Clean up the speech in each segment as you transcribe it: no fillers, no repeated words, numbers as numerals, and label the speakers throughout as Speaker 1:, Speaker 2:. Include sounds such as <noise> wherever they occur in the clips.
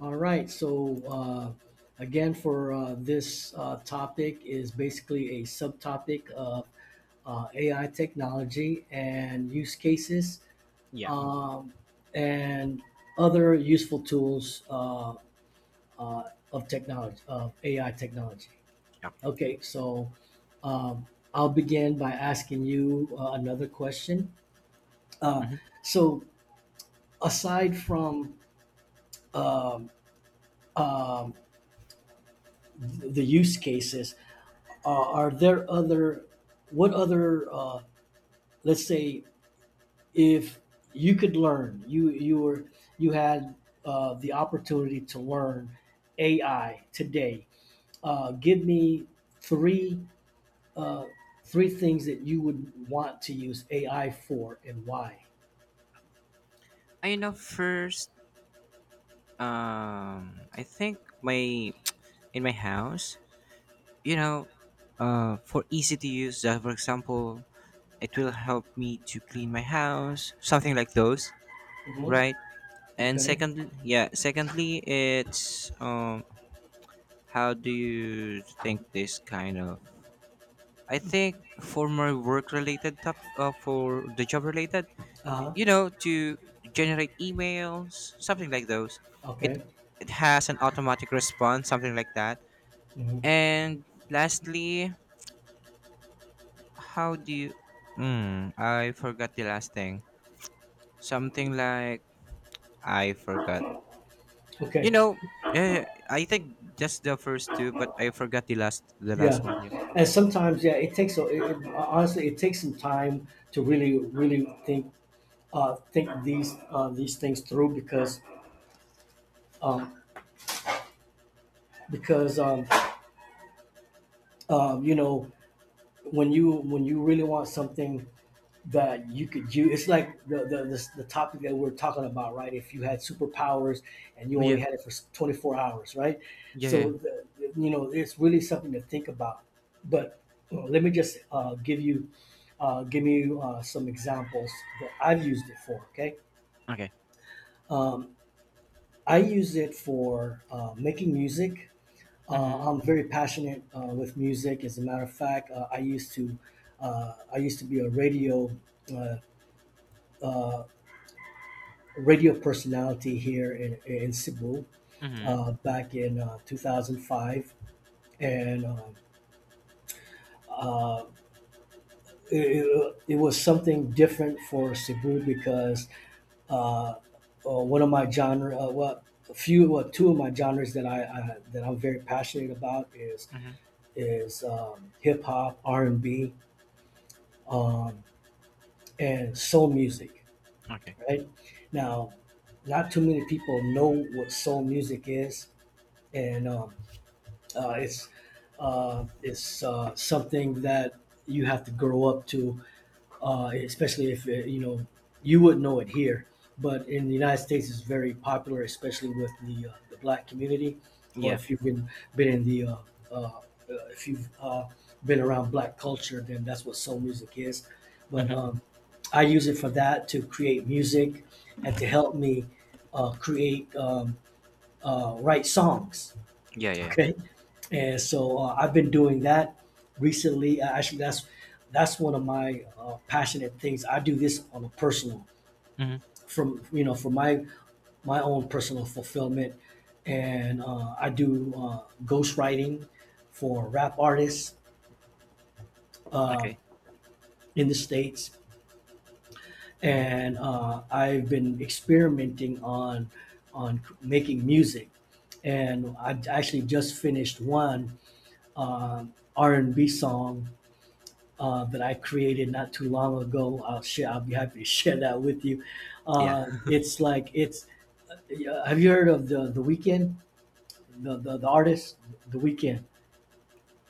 Speaker 1: All right. So again, for this topic is basically a subtopic of AI technology and use cases,
Speaker 2: Yeah.
Speaker 1: um, and other useful tools, uh, of technology of AI technology.
Speaker 2: Okay.
Speaker 1: Okay. So um, I'll begin by asking you another question. Uh,
Speaker 2: Hmm.
Speaker 1: so aside from um, um, the use cases. Are there other, what other, let's say, if you could learn, you had the opportunity to learn AI today. Give me three uh, three things that you would want to use AI for and why.
Speaker 2: I know first. I think my in my house, you know, for easy to use. For example, it will help me to clean my house, something like those,
Speaker 1: Mhm.
Speaker 2: right? And
Speaker 1: Okay.
Speaker 2: secondly, yeah. Secondly, it's how do you think this kind of? I think for my work related top, for the job related,
Speaker 1: Uh-huh.
Speaker 2: to generate emails, something like those. it
Speaker 1: Okay.
Speaker 2: it has an automatic response, something like that.
Speaker 1: Mhm.
Speaker 2: And lastly, how do you Hmm, I forgot the last thing. Something like I forgot. you
Speaker 1: Okay.
Speaker 2: know eh, I think just the first two, but I forgot the last the
Speaker 1: Yeah.
Speaker 2: last one. Yeah,
Speaker 1: And sometimes, yeah, it takes a, it- honestly, it takes some time to really, really think, think these things through because, um, because um, um, you know when you really want something that you could use. It's like the topic that we're talking about, right? If you had superpowers and you only
Speaker 2: yeah,
Speaker 1: had it for 24 hours, right?
Speaker 2: yeah, yeah, yeah.
Speaker 1: so the, you know it's really something to think about. But let me just give you some examples that I've used it for, okay?
Speaker 2: Okay.
Speaker 1: um, I use it for making music.
Speaker 2: Mm-hmm.
Speaker 1: I'm very passionate with music. As a matter of fact, I used to be a radio, uh, radio personality here in Cebu,
Speaker 2: Mm-hmm.
Speaker 1: back in 2005. And uh, it was something different for Cebu because, uh, one of my genre, well, a few, well, two of my genres that I that I'm very passionate about is
Speaker 2: Mm-hmm.
Speaker 1: is um, hip hop, R and B. Um, and soul music,
Speaker 2: Okay.
Speaker 1: right? Now, not too many people know what soul music is, and uh, it's it's something that you have to grow up to, especially if, you know, you wouldn't know it here, but in the United States, it's very popular, especially with the black community, or
Speaker 2: Yeah.
Speaker 1: if you've been in the uh, uh, if you've been around black culture, then that's what soul music is. But
Speaker 2: Mm-hmm.
Speaker 1: um, I use it for that to create music and to help me create write songs.
Speaker 2: Yeah, yeah, yeah.
Speaker 1: Okay, and so I've been doing that recently. Actually, that's one of my passionate things. I do this on a personal,
Speaker 2: Mm-hmm.
Speaker 1: from you know, for my own personal fulfillment, and I do ghostwriting for rap artists uh,
Speaker 2: Okay.
Speaker 1: in the states,
Speaker 2: Hmm.
Speaker 1: and I've been experimenting on making music, and I actually just finished one R and B song that I created not too long ago. I'll share. I'll be happy to <laughs> share that with you.
Speaker 2: Yeah.
Speaker 1: It's like it's. Yeah, have you heard of the Weekend? The artist, the Weekend.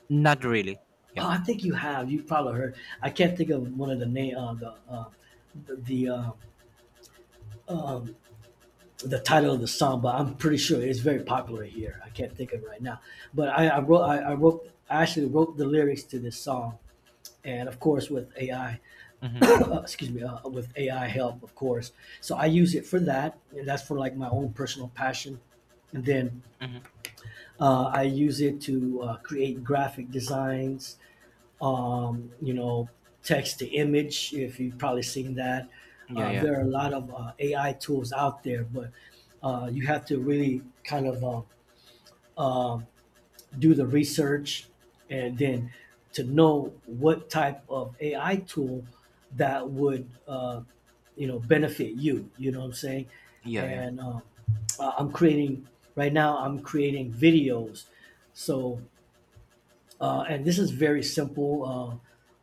Speaker 2: Not really. Yeah.
Speaker 1: Oh, I think you have. You probably heard. I can't think of one of the name. The the, uh, um, the title of the song, but I'm pretty sure it's very popular here. I can't think of it right now. But I actually wrote the lyrics to this song, and of course with AI. <coughs>
Speaker 2: Mm-hmm.
Speaker 1: Excuse me, with AI help, of course. So I use it for that, and that's for like my own personal passion. And then
Speaker 2: Mm-hmm.
Speaker 1: I use it to create graphic designs, um, you know, text to image, if you've probably seen that.
Speaker 2: Yeah, yeah,
Speaker 1: There are a lot of AI tools out there, but you have to really kind of, um, do the research and then to know what type of AI tool that would, you know, benefit you. You know what I'm saying?
Speaker 2: yeah, yeah,
Speaker 1: And I'm creating right now. I'm creating videos, so and this is very simple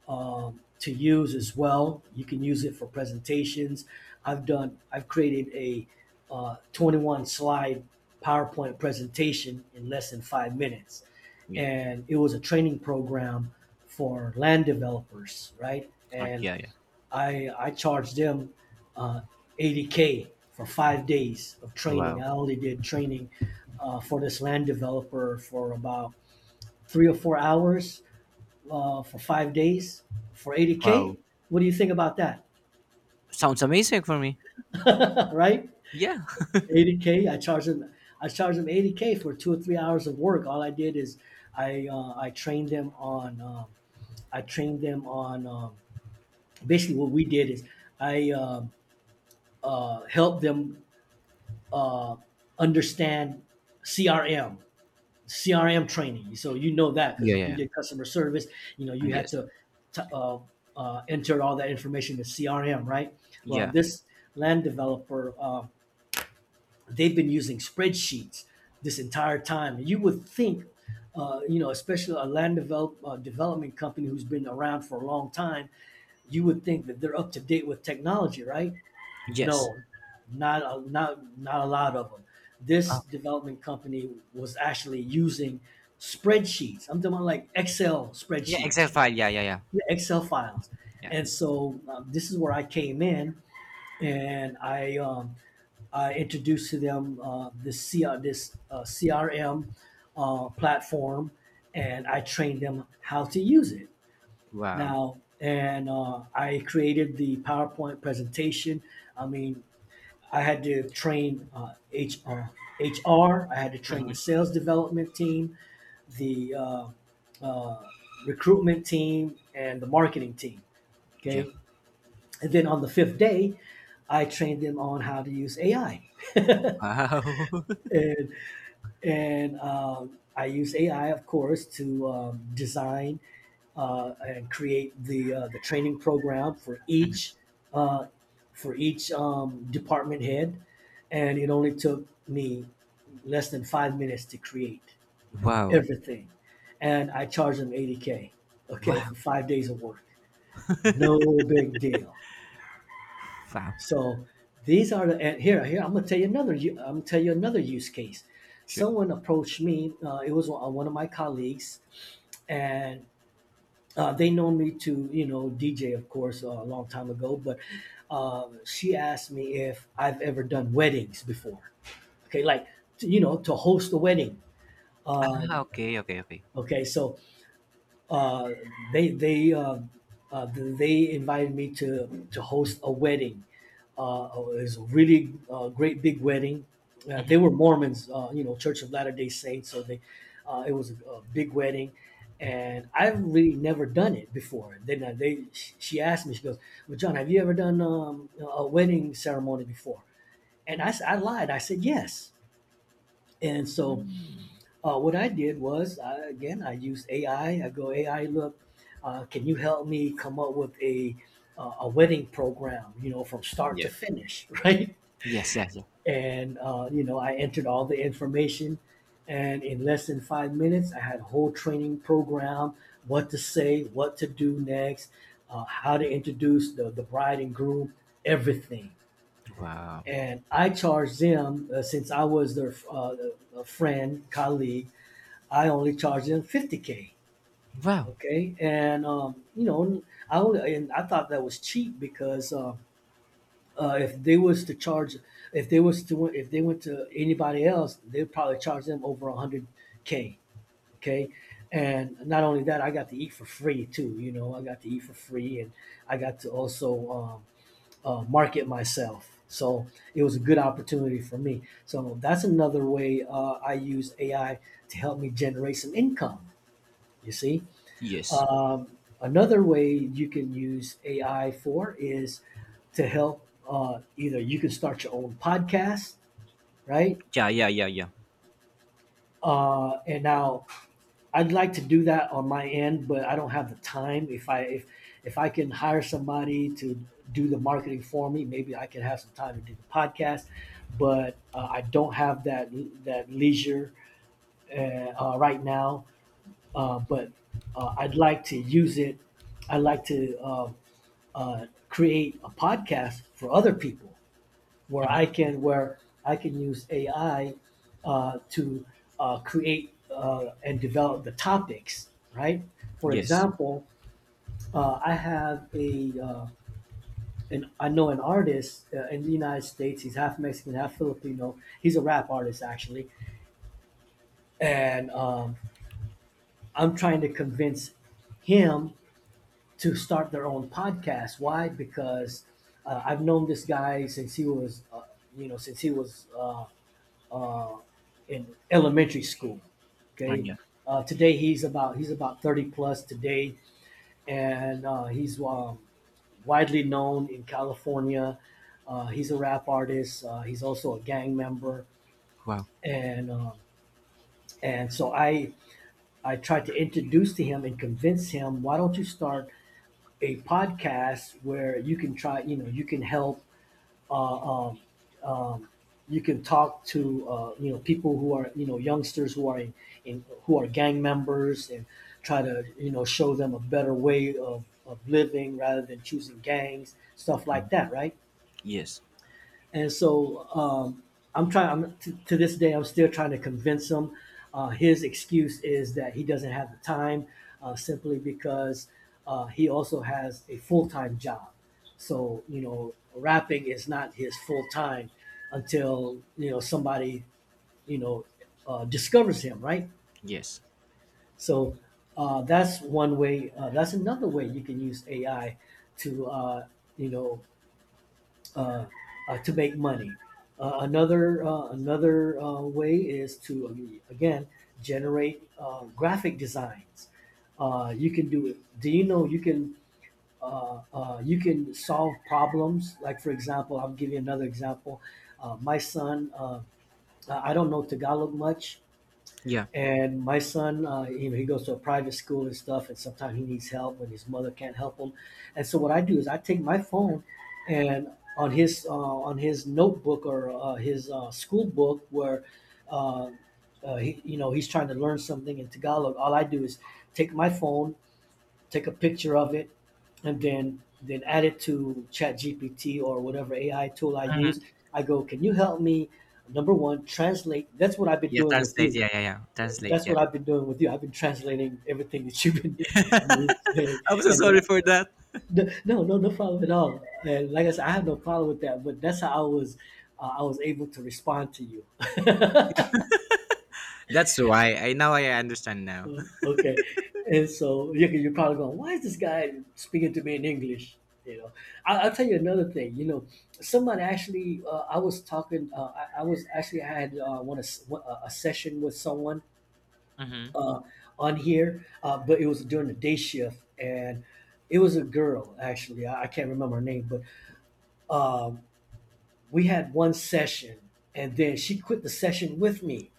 Speaker 1: uh, uh, to use as well. You can use it for presentations. I've created a 21 slide PowerPoint presentation in less than 5 minutes.
Speaker 2: yeah.
Speaker 1: And it was a training program for land developers, right? And
Speaker 2: Yeah, yeah.
Speaker 1: I charged them uh, 80K for 5 days of training.
Speaker 2: Wow,
Speaker 1: I only did training for this land developer for about 3 or 4 hours, for 5 days for
Speaker 2: wow,
Speaker 1: 80K. What do you think about that?
Speaker 2: sounds amazing for me.
Speaker 1: <laughs> Right?
Speaker 2: Yeah,
Speaker 1: 80K. I charge them 80K for 2 or 3 hours of work. All I did is I trained them on I trained them on basically what we did is I helped them uh, understand CRM CRM training. So you know that because
Speaker 2: yeah,
Speaker 1: if
Speaker 2: yeah,
Speaker 1: you
Speaker 2: yeah.
Speaker 1: did customer service, you know you had
Speaker 2: Yes,
Speaker 1: to t- uh, enter all that information to CRM, right? Well,
Speaker 2: yeah,
Speaker 1: this land developer, they've been using spreadsheets this entire time. You would think, you know, especially a development company who's been around for a long time, you would think that they're up to date with technology, right?
Speaker 2: yes.
Speaker 1: No, not a lot of them. This
Speaker 2: Okay.
Speaker 1: development company was actually using spreadsheets. I'm talking about like Excel
Speaker 2: Yeah, Excel
Speaker 1: spreadsheets,
Speaker 2: file. Yeah, yeah, yeah,
Speaker 1: Excel files.
Speaker 2: yeah.
Speaker 1: And so this is where I came in, and I introduced to them this this CRM platform, and I trained them how to use it.
Speaker 2: Wow.
Speaker 1: Now, and I created the PowerPoint presentation. I mean, I had to train, HR. I had to train
Speaker 2: Mm-hmm.
Speaker 1: the sales development team, the uh, recruitment team, and the marketing team.
Speaker 2: Yeah.
Speaker 1: Okay, and then on the fifth day, I trained them on how to use AI.
Speaker 2: Wow. <laughs>
Speaker 1: And and I use AI, of course, to, design and create the training program for each, uh, department head, and it only took me less than 5 minutes to create
Speaker 2: Wow.
Speaker 1: everything, and I charged them 80K, okay,
Speaker 2: Wow.
Speaker 1: for 5 days of work. No big deal.
Speaker 2: Wow.
Speaker 1: So these are the and here here I'm gonna tell you I'm gonna tell you another use case.
Speaker 2: Sure.
Speaker 1: Someone approached me. It was one of my colleagues, and they known me to, you know, DJ of course, a long time ago. But she asked me if I've ever done weddings before. Okay, like to, you know, to host a wedding. Um,
Speaker 2: Ah, okay. Okay. Okay.
Speaker 1: okay, so uh, they they invited me to host a wedding. It was a really great big wedding. They
Speaker 2: Mm-hmm.
Speaker 1: were Mormons, you know, Church of Latter Day Saints, so they it was a big wedding, and I've really never done it before. Then she asked me, she goes, "Well, John, have you ever done a wedding ceremony before?" And I lied. I said yes. And so what I did was, I, again, I used AI. I go, AI, look, can you help me come up with a wedding program? You know, from start to
Speaker 2: Yeah.
Speaker 1: finish, <laughs> right?
Speaker 2: Yes. Yeah. Yeah.
Speaker 1: And you know, I entered all the information, and in less than 5 minutes, I had a whole training program: what to say, what to do next, how to introduce the bride and groom, everything.
Speaker 2: Wow.
Speaker 1: And I charged them since I was their a friend, colleague, I only charged them 50K.
Speaker 2: Wow.
Speaker 1: Okay. And, you know, and I thought that was cheap because, if they was to charge, if they was to, if they went to anybody else, they'd probably charge them over 100K. Okay. And not only that, I got to eat for free too. You know, I got to eat for free, and I got to also, market myself. So it was a good opportunity for me. So that's another way I use AI to help me generate some income. You see,
Speaker 2: Yes.
Speaker 1: another way you can use AI for is to help. Either you can start your own podcast, right?
Speaker 2: Yeah. Yeah. Yeah. Yeah.
Speaker 1: And now I'd like to do that on my end, but I don't have the time. If I can hire somebody to do the marketing for me, maybe I can have some time to do the podcast. But I don't have that leisure, right now. But I'd like to use it. I'd like to create a podcast for other people
Speaker 2: Mm-hmm.
Speaker 1: where I can use AI to create and develop the topics. Right. For
Speaker 2: Yes.
Speaker 1: example, uh, I have a uh, I know an artist in the United States. He's half Mexican, half Filipino. He's a rap artist actually, and I'm trying to convince him to start their own podcast. Why? Because I've known this guy since he was, since he was uh, in elementary school. Okay,
Speaker 2: Yeah.
Speaker 1: today he's about thirty plus today, and he's widely known in California. He's a rap artist. He's also a gang member,
Speaker 2: Wow.
Speaker 1: and so I tried to introduce to him and convince him. Why don't you start a podcast where you can try, you know, you can help, uh, um, um, you can talk to, you know, people who are, you know, youngsters who are who are gang members and try to, you know, show them a better way of living rather than choosing gangs, stuff like that, right?
Speaker 2: Yes.
Speaker 1: and so I'm trying. To this day, I'm still trying to convince him. His excuse is that he doesn't have the time, simply because he also has a full time job. So you know, rapping is not his full time until you know somebody you know discovers him, right?
Speaker 2: Yes.
Speaker 1: So that's one way. That's another way you can use AI to you know uh, to make money. Another way is to again generate graphic designs. You can do it. Do you know you can solve problems? Like for example, I'll give you another example. My son, uh, I don't know Tagalog much,
Speaker 2: Yeah.
Speaker 1: and my son, you know, he goes to a private school and stuff, and sometimes he needs help when his mother can't help him. And so what I do is I take my phone and on his notebook or his school book where uh, you know he's trying to learn something in Tagalog, all I do is take my phone, take a picture of it, and then add it to Chat GPT or whatever AI tool I use. I go, can you help me? Number one, translate. That's what I've been
Speaker 2: Yeah,
Speaker 1: doing with
Speaker 2: translate.
Speaker 1: you
Speaker 2: Yeah, yeah, yeah. Translate.
Speaker 1: that's
Speaker 2: Yeah.
Speaker 1: what I've been doing with you. I've been translating everything that you've been <laughs> you've been saying,
Speaker 2: I'm so
Speaker 1: and
Speaker 2: sorry for that.
Speaker 1: no, no, no, no problem at all. And like I said, I have no problem with that. But that's how I was able to respond to you.
Speaker 2: That's why I now I understand now.
Speaker 1: <laughs> Okay, and so you're probably going, why is this guy speaking to me in English? You know, I'll tell you another thing. You know, someone actually, I was actually I had a session with someone
Speaker 2: <laughs> Mm-hmm.
Speaker 1: uh, on here, but it was during the day shift, and it was a girl actually. I can't remember her name, but um, we had one session, and then she quit the session with me,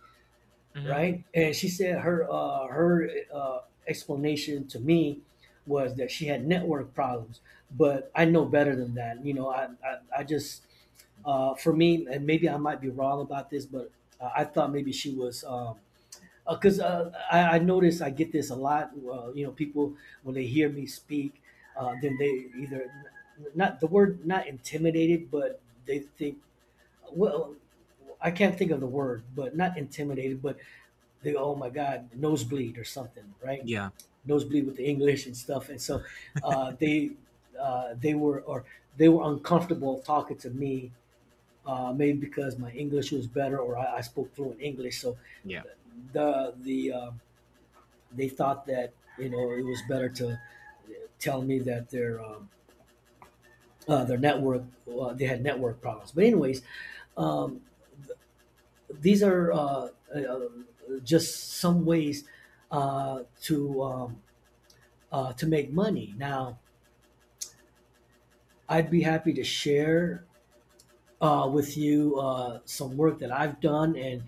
Speaker 2: Mm-hmm.
Speaker 1: right? And she said her explanation to me was that she had network problems, but I know better than that. You know, I just for me, and maybe I might be wrong about this, but I thought maybe she was because I notice I get this a lot. You know, people when they hear me speak, then they either not the word not intimidated, but they think well. I can't think of the word, but not intimidated, but they go, oh my god, nosebleed or something, right?
Speaker 2: Yeah.
Speaker 1: Nosebleed with the English and stuff, and so uh, they they were or they were uncomfortable talking to me, maybe because my English was better or I spoke fluent English. So
Speaker 2: Yeah.
Speaker 1: the the uh, they thought that you know it was better to tell me that their network they had network problems. But anyways, um, these are uh, just some ways uh, to um, to make money. Now, I'd be happy to share with you some work that I've done, and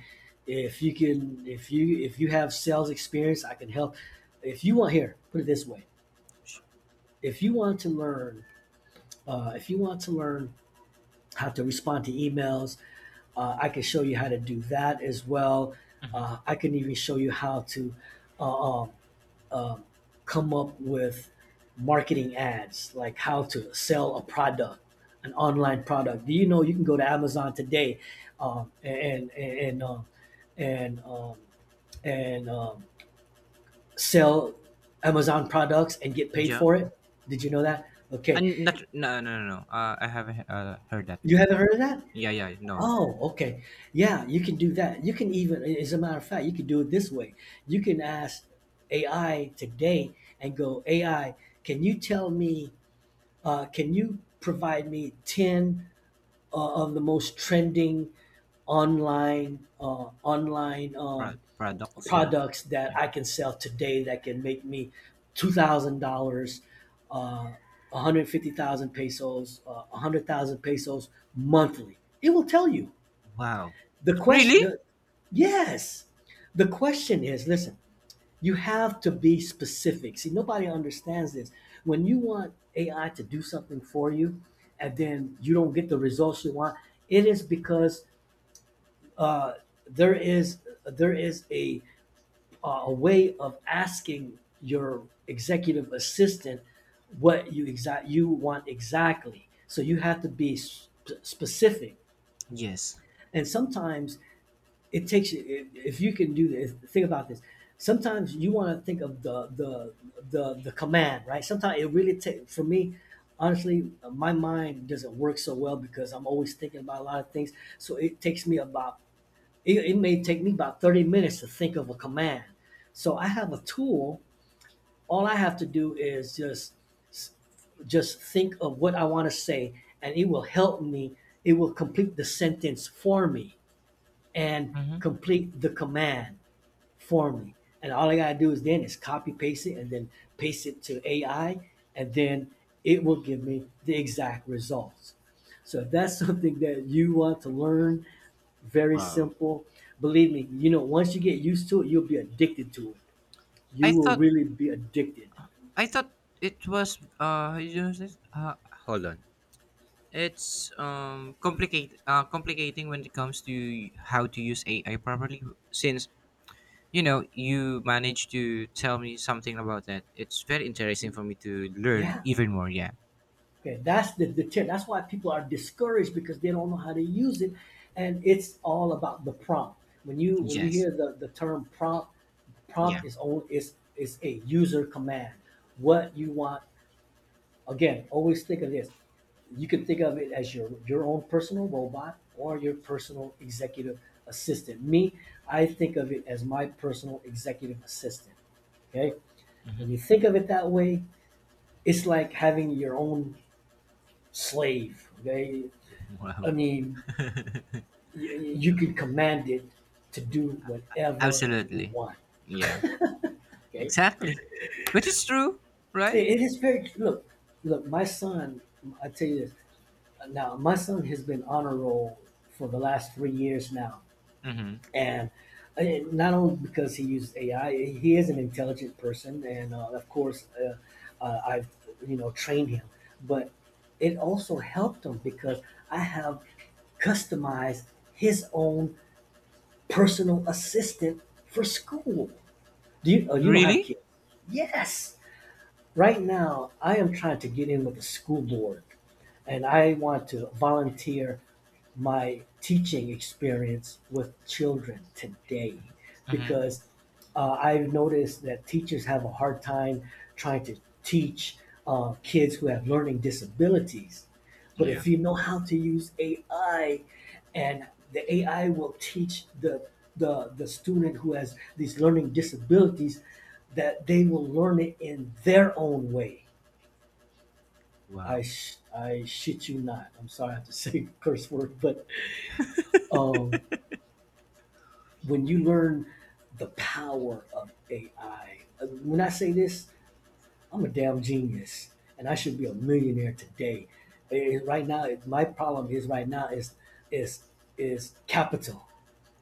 Speaker 1: if you have sales experience, I can help. If you want, here, put it this way:
Speaker 2: Sh-
Speaker 1: if you want to learn, if you want to learn how to respond to emails. I can show you how to do that as well.
Speaker 2: Mm-hmm.
Speaker 1: I can even show you how to uh, um, um, come up with marketing ads, like how to sell a product, an online product. Do you know you can go to Amazon today um, and and and um, and, um, and sell Amazon products and get paid
Speaker 2: Yeah.
Speaker 1: for it? Did you know that? Okay,
Speaker 2: And not, no, no, no, no. I haven't heard that
Speaker 1: you haven't
Speaker 2: before.
Speaker 1: heard of that?
Speaker 2: Yeah, yeah, no.
Speaker 1: Oh, okay. Yeah, you can do that. You can even, as a matter of fact, you can do it this way. You can ask AI today and go, AI, can you tell me, can you provide me 10 of the most trending online
Speaker 2: Pro- products yeah.
Speaker 1: products that
Speaker 2: Yeah.
Speaker 1: I can sell today that can make me $2,000, uh, 150,000 pesos, 100,000 pesos monthly? It will tell you.
Speaker 2: Wow.
Speaker 1: The question,
Speaker 2: Really?
Speaker 1: the, yes, the question is listen, you have to be specific. See, nobody understands this. When you want AI to do something for you and then you don't get the results you want, it is because uh, there is there is a, a way of asking your executive assistant what you want exactly. So you have to be specific.
Speaker 2: Yes.
Speaker 1: And sometimes it takes you if you can do this think about this sometimes you want to think of the command right sometimes it really takes for me honestly my mind doesn't work so well because I'm always thinking about a lot of things so it, it may take me about 30 minutes to think of a command so I have a tool all I have to do is just think of what I want to say and it will help me it will complete the sentence for me and
Speaker 2: Mm-hmm.
Speaker 1: complete the command formally. And all I gotta do is then is copy paste it and then paste it to AI, and then it will give me the exact results. So if that's <laughs> something that you want to learn, very
Speaker 2: Wow.
Speaker 1: simple. Believe me, you know, once you get used to it, you'll be addicted to it.
Speaker 2: I
Speaker 1: You will
Speaker 2: thought
Speaker 1: really be addicted.
Speaker 2: I thought it was, how, hold on. It's complicate complicating when it comes to how to use AI properly, since you managed to tell me something about that. It's very interesting for me to learn
Speaker 1: Yeah.
Speaker 2: even more. Yeah.
Speaker 1: Okay. That's the tip. That's why people are discouraged because they don't know how to use it. And it's all about the prompt. When you
Speaker 2: Yes.
Speaker 1: hear the term prompt,
Speaker 2: Yeah.
Speaker 1: prompt is is a user command. What you want again, always think of this. You can think of it as your own personal robot or your personal executive assistant. Me, I think of it as my personal executive assistant. Okay? When
Speaker 2: Mhm.
Speaker 1: you think of it that way, it's like having your own slave. Okay? I
Speaker 2: Wow.
Speaker 1: mean, you can command it to do whatever you
Speaker 2: Absolutely.
Speaker 1: want.
Speaker 2: Yeah.
Speaker 1: <laughs> Okay?
Speaker 2: Exactly. Which is true, right?
Speaker 1: It is very look, look. My son, I tell you this now. My son has been on a roll for the last 3 years now,
Speaker 2: Mm-hmm.
Speaker 1: and uh, not only because he uses AI, he is an intelligent person, and of course, I've you know trained him, but it also helped him because I have customized his own personal assistant for school. Do you? Oh, you don't have
Speaker 2: Really?
Speaker 1: kids? Yes. Right now, I am trying to get in with the school board and I want to volunteer my teaching experience with children today
Speaker 2: Mm-hmm.
Speaker 1: because I've noticed that teachers have a hard time trying to teach kids who have learning disabilities. But
Speaker 2: Yeah.
Speaker 1: if you know how to use AI, and the AI will teach the student who has these learning disabilities that they will learn it in their own way
Speaker 2: Wow.
Speaker 1: I shit you not. I'm sorry I have to <laughs> say curse word, but um, when you learn the power of AI, when I say this, I'm a damn genius, and I should be a millionaire today. Eh, right now, my problem is right now is is capital.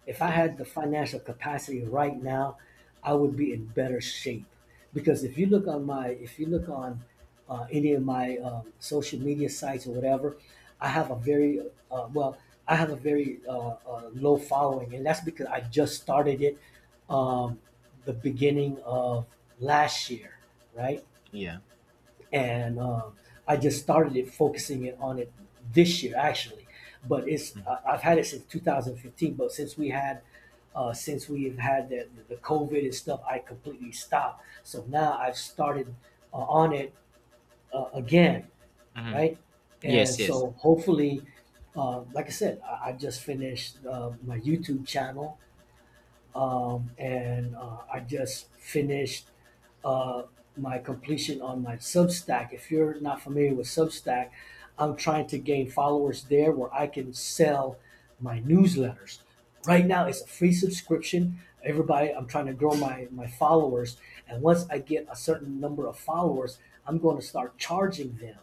Speaker 1: If I
Speaker 2: Yeah.
Speaker 1: had the financial capacity right now, I would be in better shape. Because if you look on my, if you look on any of my social media sites or whatever, I have a very, uh, well, I have a very low following, and that's because I just started it um, the beginning of last year, right?
Speaker 2: Yeah.
Speaker 1: and I just started it focusing it on it this year actually. But it's
Speaker 2: Mm-hmm.
Speaker 1: I've had it since 2015. But since we had since we've had the COVID and stuff, I completely stopped. So now I've started on it again,
Speaker 2: Mm-hmm.
Speaker 1: right? And
Speaker 2: Yes. Yes.
Speaker 1: so hopefully, like I said, I just finished my YouTube channel, and I just finished uh, my completion on my Substack. If you're not familiar with Substack, I'm trying to gain followers there where I can sell my newsletters. Right now, it's a free subscription. Everybody, I'm trying to grow my followers. And once I get a certain number of followers, I'm going to start charging them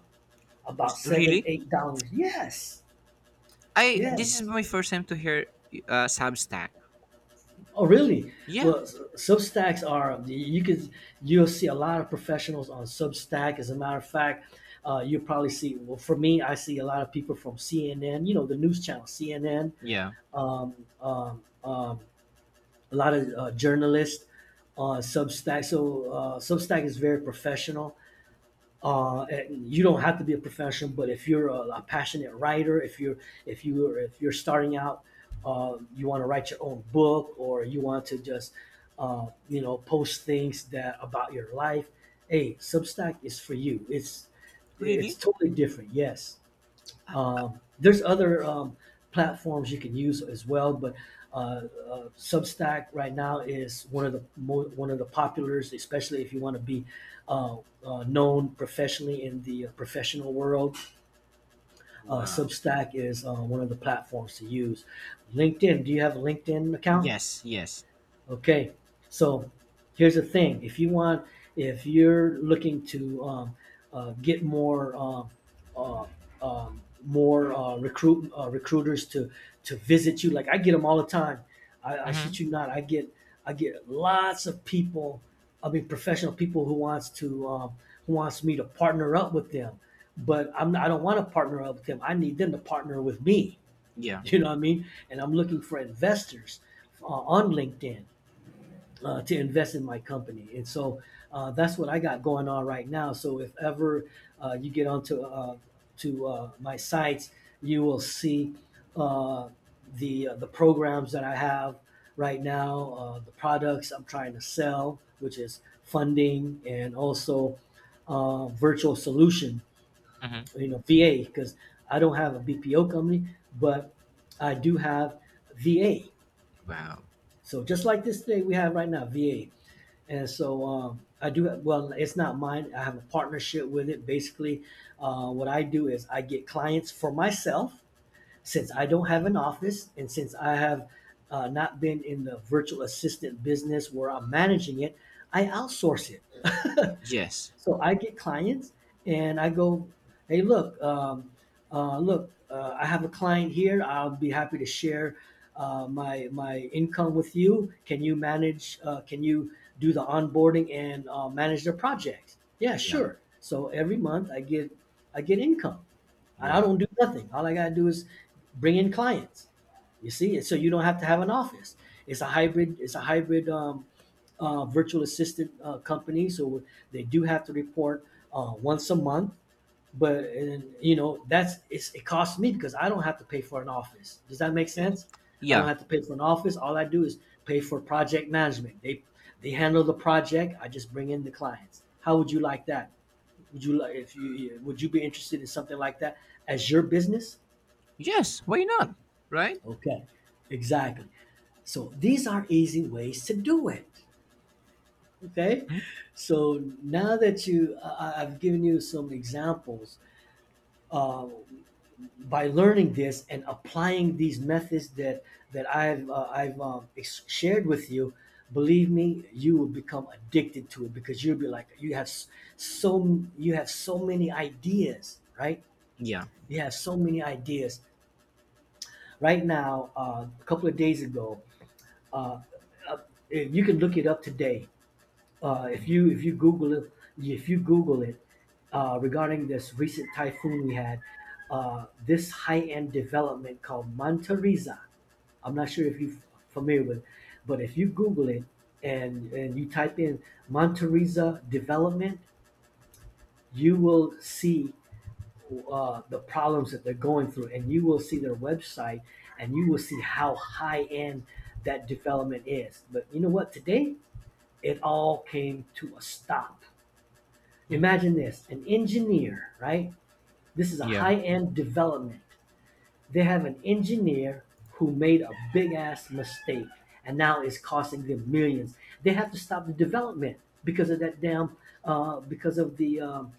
Speaker 1: about seven,
Speaker 2: Really?
Speaker 1: $8. Yes,
Speaker 2: I. This is
Speaker 1: yes.
Speaker 2: my first time to hear, Substack.
Speaker 1: Oh, really?
Speaker 2: Yeah.
Speaker 1: Well, Substacks are you could you'll see a lot of professionals on Substack. As a matter of fact, you probably see. Well, for me, I see a lot of people from CNN. You know, the news channel CNN.
Speaker 2: Yeah.
Speaker 1: Um, um, um, a lot of journalists on Substack. So Substack is very professional and you don't have to be a professional, but if you're a passionate writer, if you're if you're starting out, you want to write your own book, or you want to just you know post things that about your life, hey, Substack is for you. It's
Speaker 2: Really?
Speaker 1: totally different. Yes. There's other platforms you can use as well, but uh, Substack right now is one of the one of the populars, especially if you want to be uh, known professionally in the professional world.
Speaker 2: Wow.
Speaker 1: Substack is one of the platforms to use. LinkedIn. Do you have a LinkedIn account?
Speaker 2: Yes. Yes.
Speaker 1: Okay, so here's the thing: if you want, if you're looking to get more uh, more recruiters to visit you, like I get them all the time. I
Speaker 2: Mm-hmm.
Speaker 1: shit you not, I get lots of people. I mean, professional people who wants to who wants me to partner up with them, but I don't want to partner up with them. I need them to partner with me. <laughs>
Speaker 2: Yeah.
Speaker 1: You know what I mean? And I'm looking for investors on LinkedIn to invest in my company. And so that's what I got going on right now. So if ever you get onto to my sites, you will see uh, the programs that I have right now, the products I'm trying to sell, which is funding and also virtual solution,
Speaker 2: Mm-hmm.
Speaker 1: you know, VA, because I don't have a BPO company, but I do have VA.
Speaker 2: Wow.
Speaker 1: So just like this thing we have right now, VA. And so I do, well, it's not mine. I have a partnership with it. Basically, what I do is I get clients for myself since I don't have an office and since I have not been in the virtual assistant business where I'm managing it, I outsource it. <laughs>
Speaker 2: Yes.
Speaker 1: So I get clients and I go, hey, look, look, I have a client here. I'll be happy to share my income with you. Can you manage? Can you do the onboarding and manage their project? Yeah,
Speaker 2: Yeah.
Speaker 1: sure. So every month I get income. I
Speaker 2: Wow.
Speaker 1: don't do nothing. All I gotta do is bring in clients. You see, so you don't have to have an office. It's a hybrid. It's a hybrid virtual assistant company, so they do have to report once a month. But and, you know that's it's, it costs me because I don't have to pay for an office. Does that make
Speaker 2: Yes.
Speaker 1: sense? I
Speaker 2: Yeah.
Speaker 1: don't have to pay for an office. All I do is pay for project management. They handle the project. I just bring in the clients. How would you like that? Would you like if you yeah, would you be interested in something like that as your business?
Speaker 2: Yes. Why not? Right?
Speaker 1: Okay, exactly. So these are easy ways to do it. Okay,
Speaker 2: Hmm?
Speaker 1: so now that you, I've given you some examples uh, by learning this and applying these methods that I've shared with you. Believe me, you will become addicted to it because you'll be like so you have so many ideas, right?
Speaker 2: Yeah.
Speaker 1: You have so many ideas. Right now, a couple of days ago, uh, uh, you can look it up today if you Google it, if you Google it regarding this recent typhoon we had, this high-end development called Manta I'm not sure if you're familiar with, it, but if you Google it and you type in Manta development, you will see the problems that they're going through, and you will see their website, and you will see how high-end that development is. But you know what? Today, it all came to a stop. Imagine this an engineer, right? This is a
Speaker 2: Yeah.
Speaker 1: high end development. They have an engineer who made a big ass mistake and now it's costing them millions. They have to stop the development because of that damn, uh, because of the, um,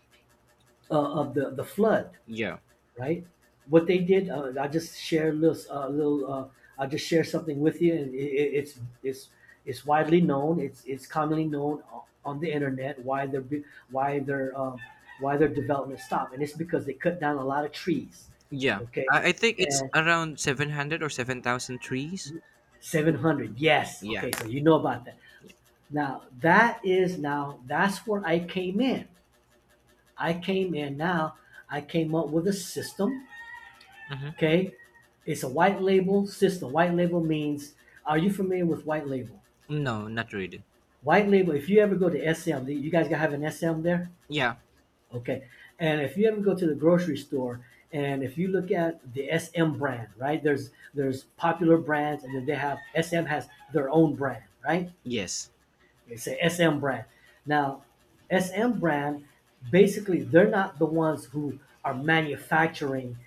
Speaker 1: of the flood
Speaker 2: Yeah.
Speaker 1: right? What they did, I just share a little, little. I just share something with you, and it's widely known. It's commonly known on the internet why their why their um, why their development stopped, and it's because they cut down a lot of trees.
Speaker 2: Yeah.
Speaker 1: Okay,
Speaker 2: I think it's
Speaker 1: and
Speaker 2: around 700 or 7,000 trees.
Speaker 1: 700. Yes.
Speaker 2: Yeah.
Speaker 1: Okay, so you know about that. Now that's where I came in. I came in now. I came up with a system.
Speaker 2: Mm-hmm.
Speaker 1: Okay, it's a white label system. White label means, are you familiar with white label?
Speaker 2: No, not really.
Speaker 1: White label. If you ever go to SM, you guys have an SM there?
Speaker 2: Yeah.
Speaker 1: Okay, and if you ever go to the grocery store, and if you look at the SM brand, right? There's popular brands, and then they have SM has their own brand, right?
Speaker 2: Yes.
Speaker 1: They say SM brand. Now, SM brand, basically, they're not the ones who are manufacturing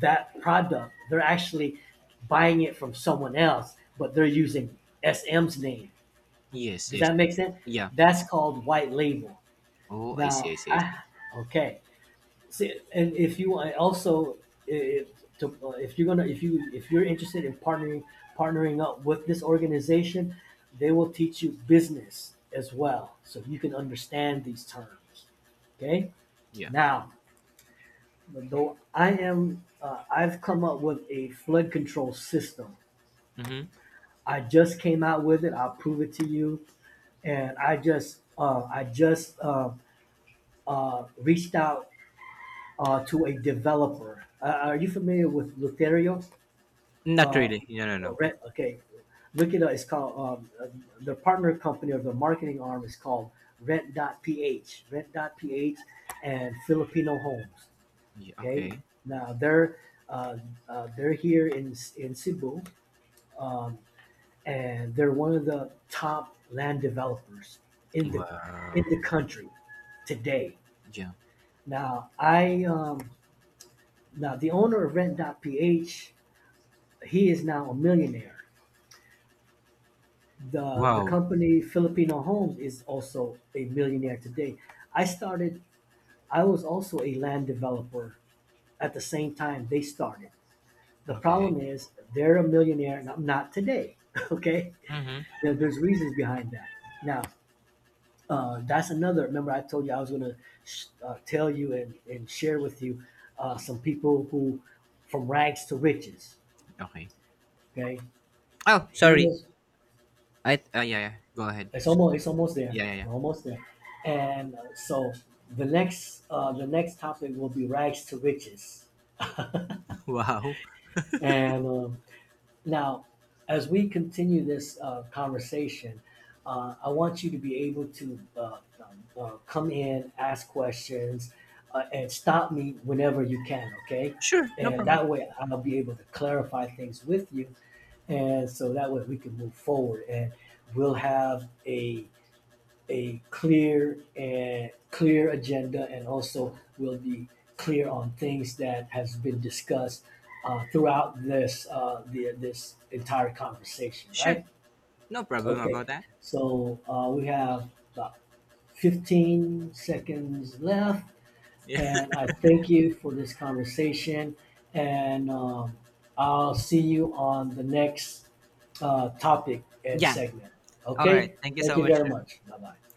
Speaker 1: that product. They're actually buying it from someone else, but they're using SM's name.
Speaker 2: Yes.
Speaker 1: Does
Speaker 2: Yes.
Speaker 1: that make sense?
Speaker 2: Yeah.
Speaker 1: That's called white label.
Speaker 2: Oh, I
Speaker 1: Now,
Speaker 2: see. I see. I
Speaker 1: I
Speaker 2: see.
Speaker 1: okay. See, and if you also if, to, if you if you're interested in partnering up with this organization, they will teach you business as well, so you can understand these terms. Okay.
Speaker 2: Yeah.
Speaker 1: Now, though I am, I've come up with a flood control system.
Speaker 2: Mm-hmm.
Speaker 1: I just came out with it. I'll prove it to you. I just reached out to a developer. Are you familiar with Lutherio?
Speaker 2: Not
Speaker 1: Uh,
Speaker 2: really. No, no, no.
Speaker 1: okay, look it up. It's called the partner company or the marketing arm is called Ph. Rent.ph, Ph. And Filipino Homes.
Speaker 2: Yeah.
Speaker 1: Okay,
Speaker 2: Okay.
Speaker 1: now uh, they're here in Cebu, um, and they're one of the top land developers in the
Speaker 2: Wow.
Speaker 1: in the country today.
Speaker 2: Yeah.
Speaker 1: Now I now the owner of Rent.ph, he is now a millionaire. The
Speaker 2: Wow.
Speaker 1: company Filipino Homes is also a millionaire today. I started. I was also a land developer at the same time they started. The problem
Speaker 2: Okay.
Speaker 1: is they're a millionaire, and I'm not today. <laughs> Okay,
Speaker 2: Mm-hmm.
Speaker 1: there's reasons behind that. Now, that's another. Remember, I told you I was going to tell you and share with you some people who, from rags to riches.
Speaker 2: Okay.
Speaker 1: Okay,
Speaker 2: Oh,
Speaker 1: he
Speaker 2: sorry.
Speaker 1: was.
Speaker 2: Yeah, yeah. Go ahead.
Speaker 1: It's almost. It's almost there.
Speaker 2: Yeah, yeah, yeah.
Speaker 1: We're almost there. And so the next topic will be rags to riches.
Speaker 2: <laughs> Wow.
Speaker 1: <laughs> and now, as we continue this conversation, I want you to be able to come in, ask questions, and stop me whenever you can, okay?
Speaker 2: Sure, no
Speaker 1: And that
Speaker 2: problem.
Speaker 1: way I'll be able to clarify things with you. And so that way we can move forward and we'll have a clear and clear agenda and also will be clear on things that has been discussed throughout this entire conversation,
Speaker 2: Sure.
Speaker 1: right?
Speaker 2: No problem
Speaker 1: Okay,
Speaker 2: about that.
Speaker 1: so we have about 15 seconds left,
Speaker 2: Yeah. <laughs>
Speaker 1: and I thank you for this conversation, and I'll see you on the next topic and
Speaker 2: Yeah.
Speaker 1: segment.
Speaker 2: All right.
Speaker 1: Okay,
Speaker 2: Thank you
Speaker 1: thank
Speaker 2: so
Speaker 1: you
Speaker 2: much.
Speaker 1: very much, bye bye.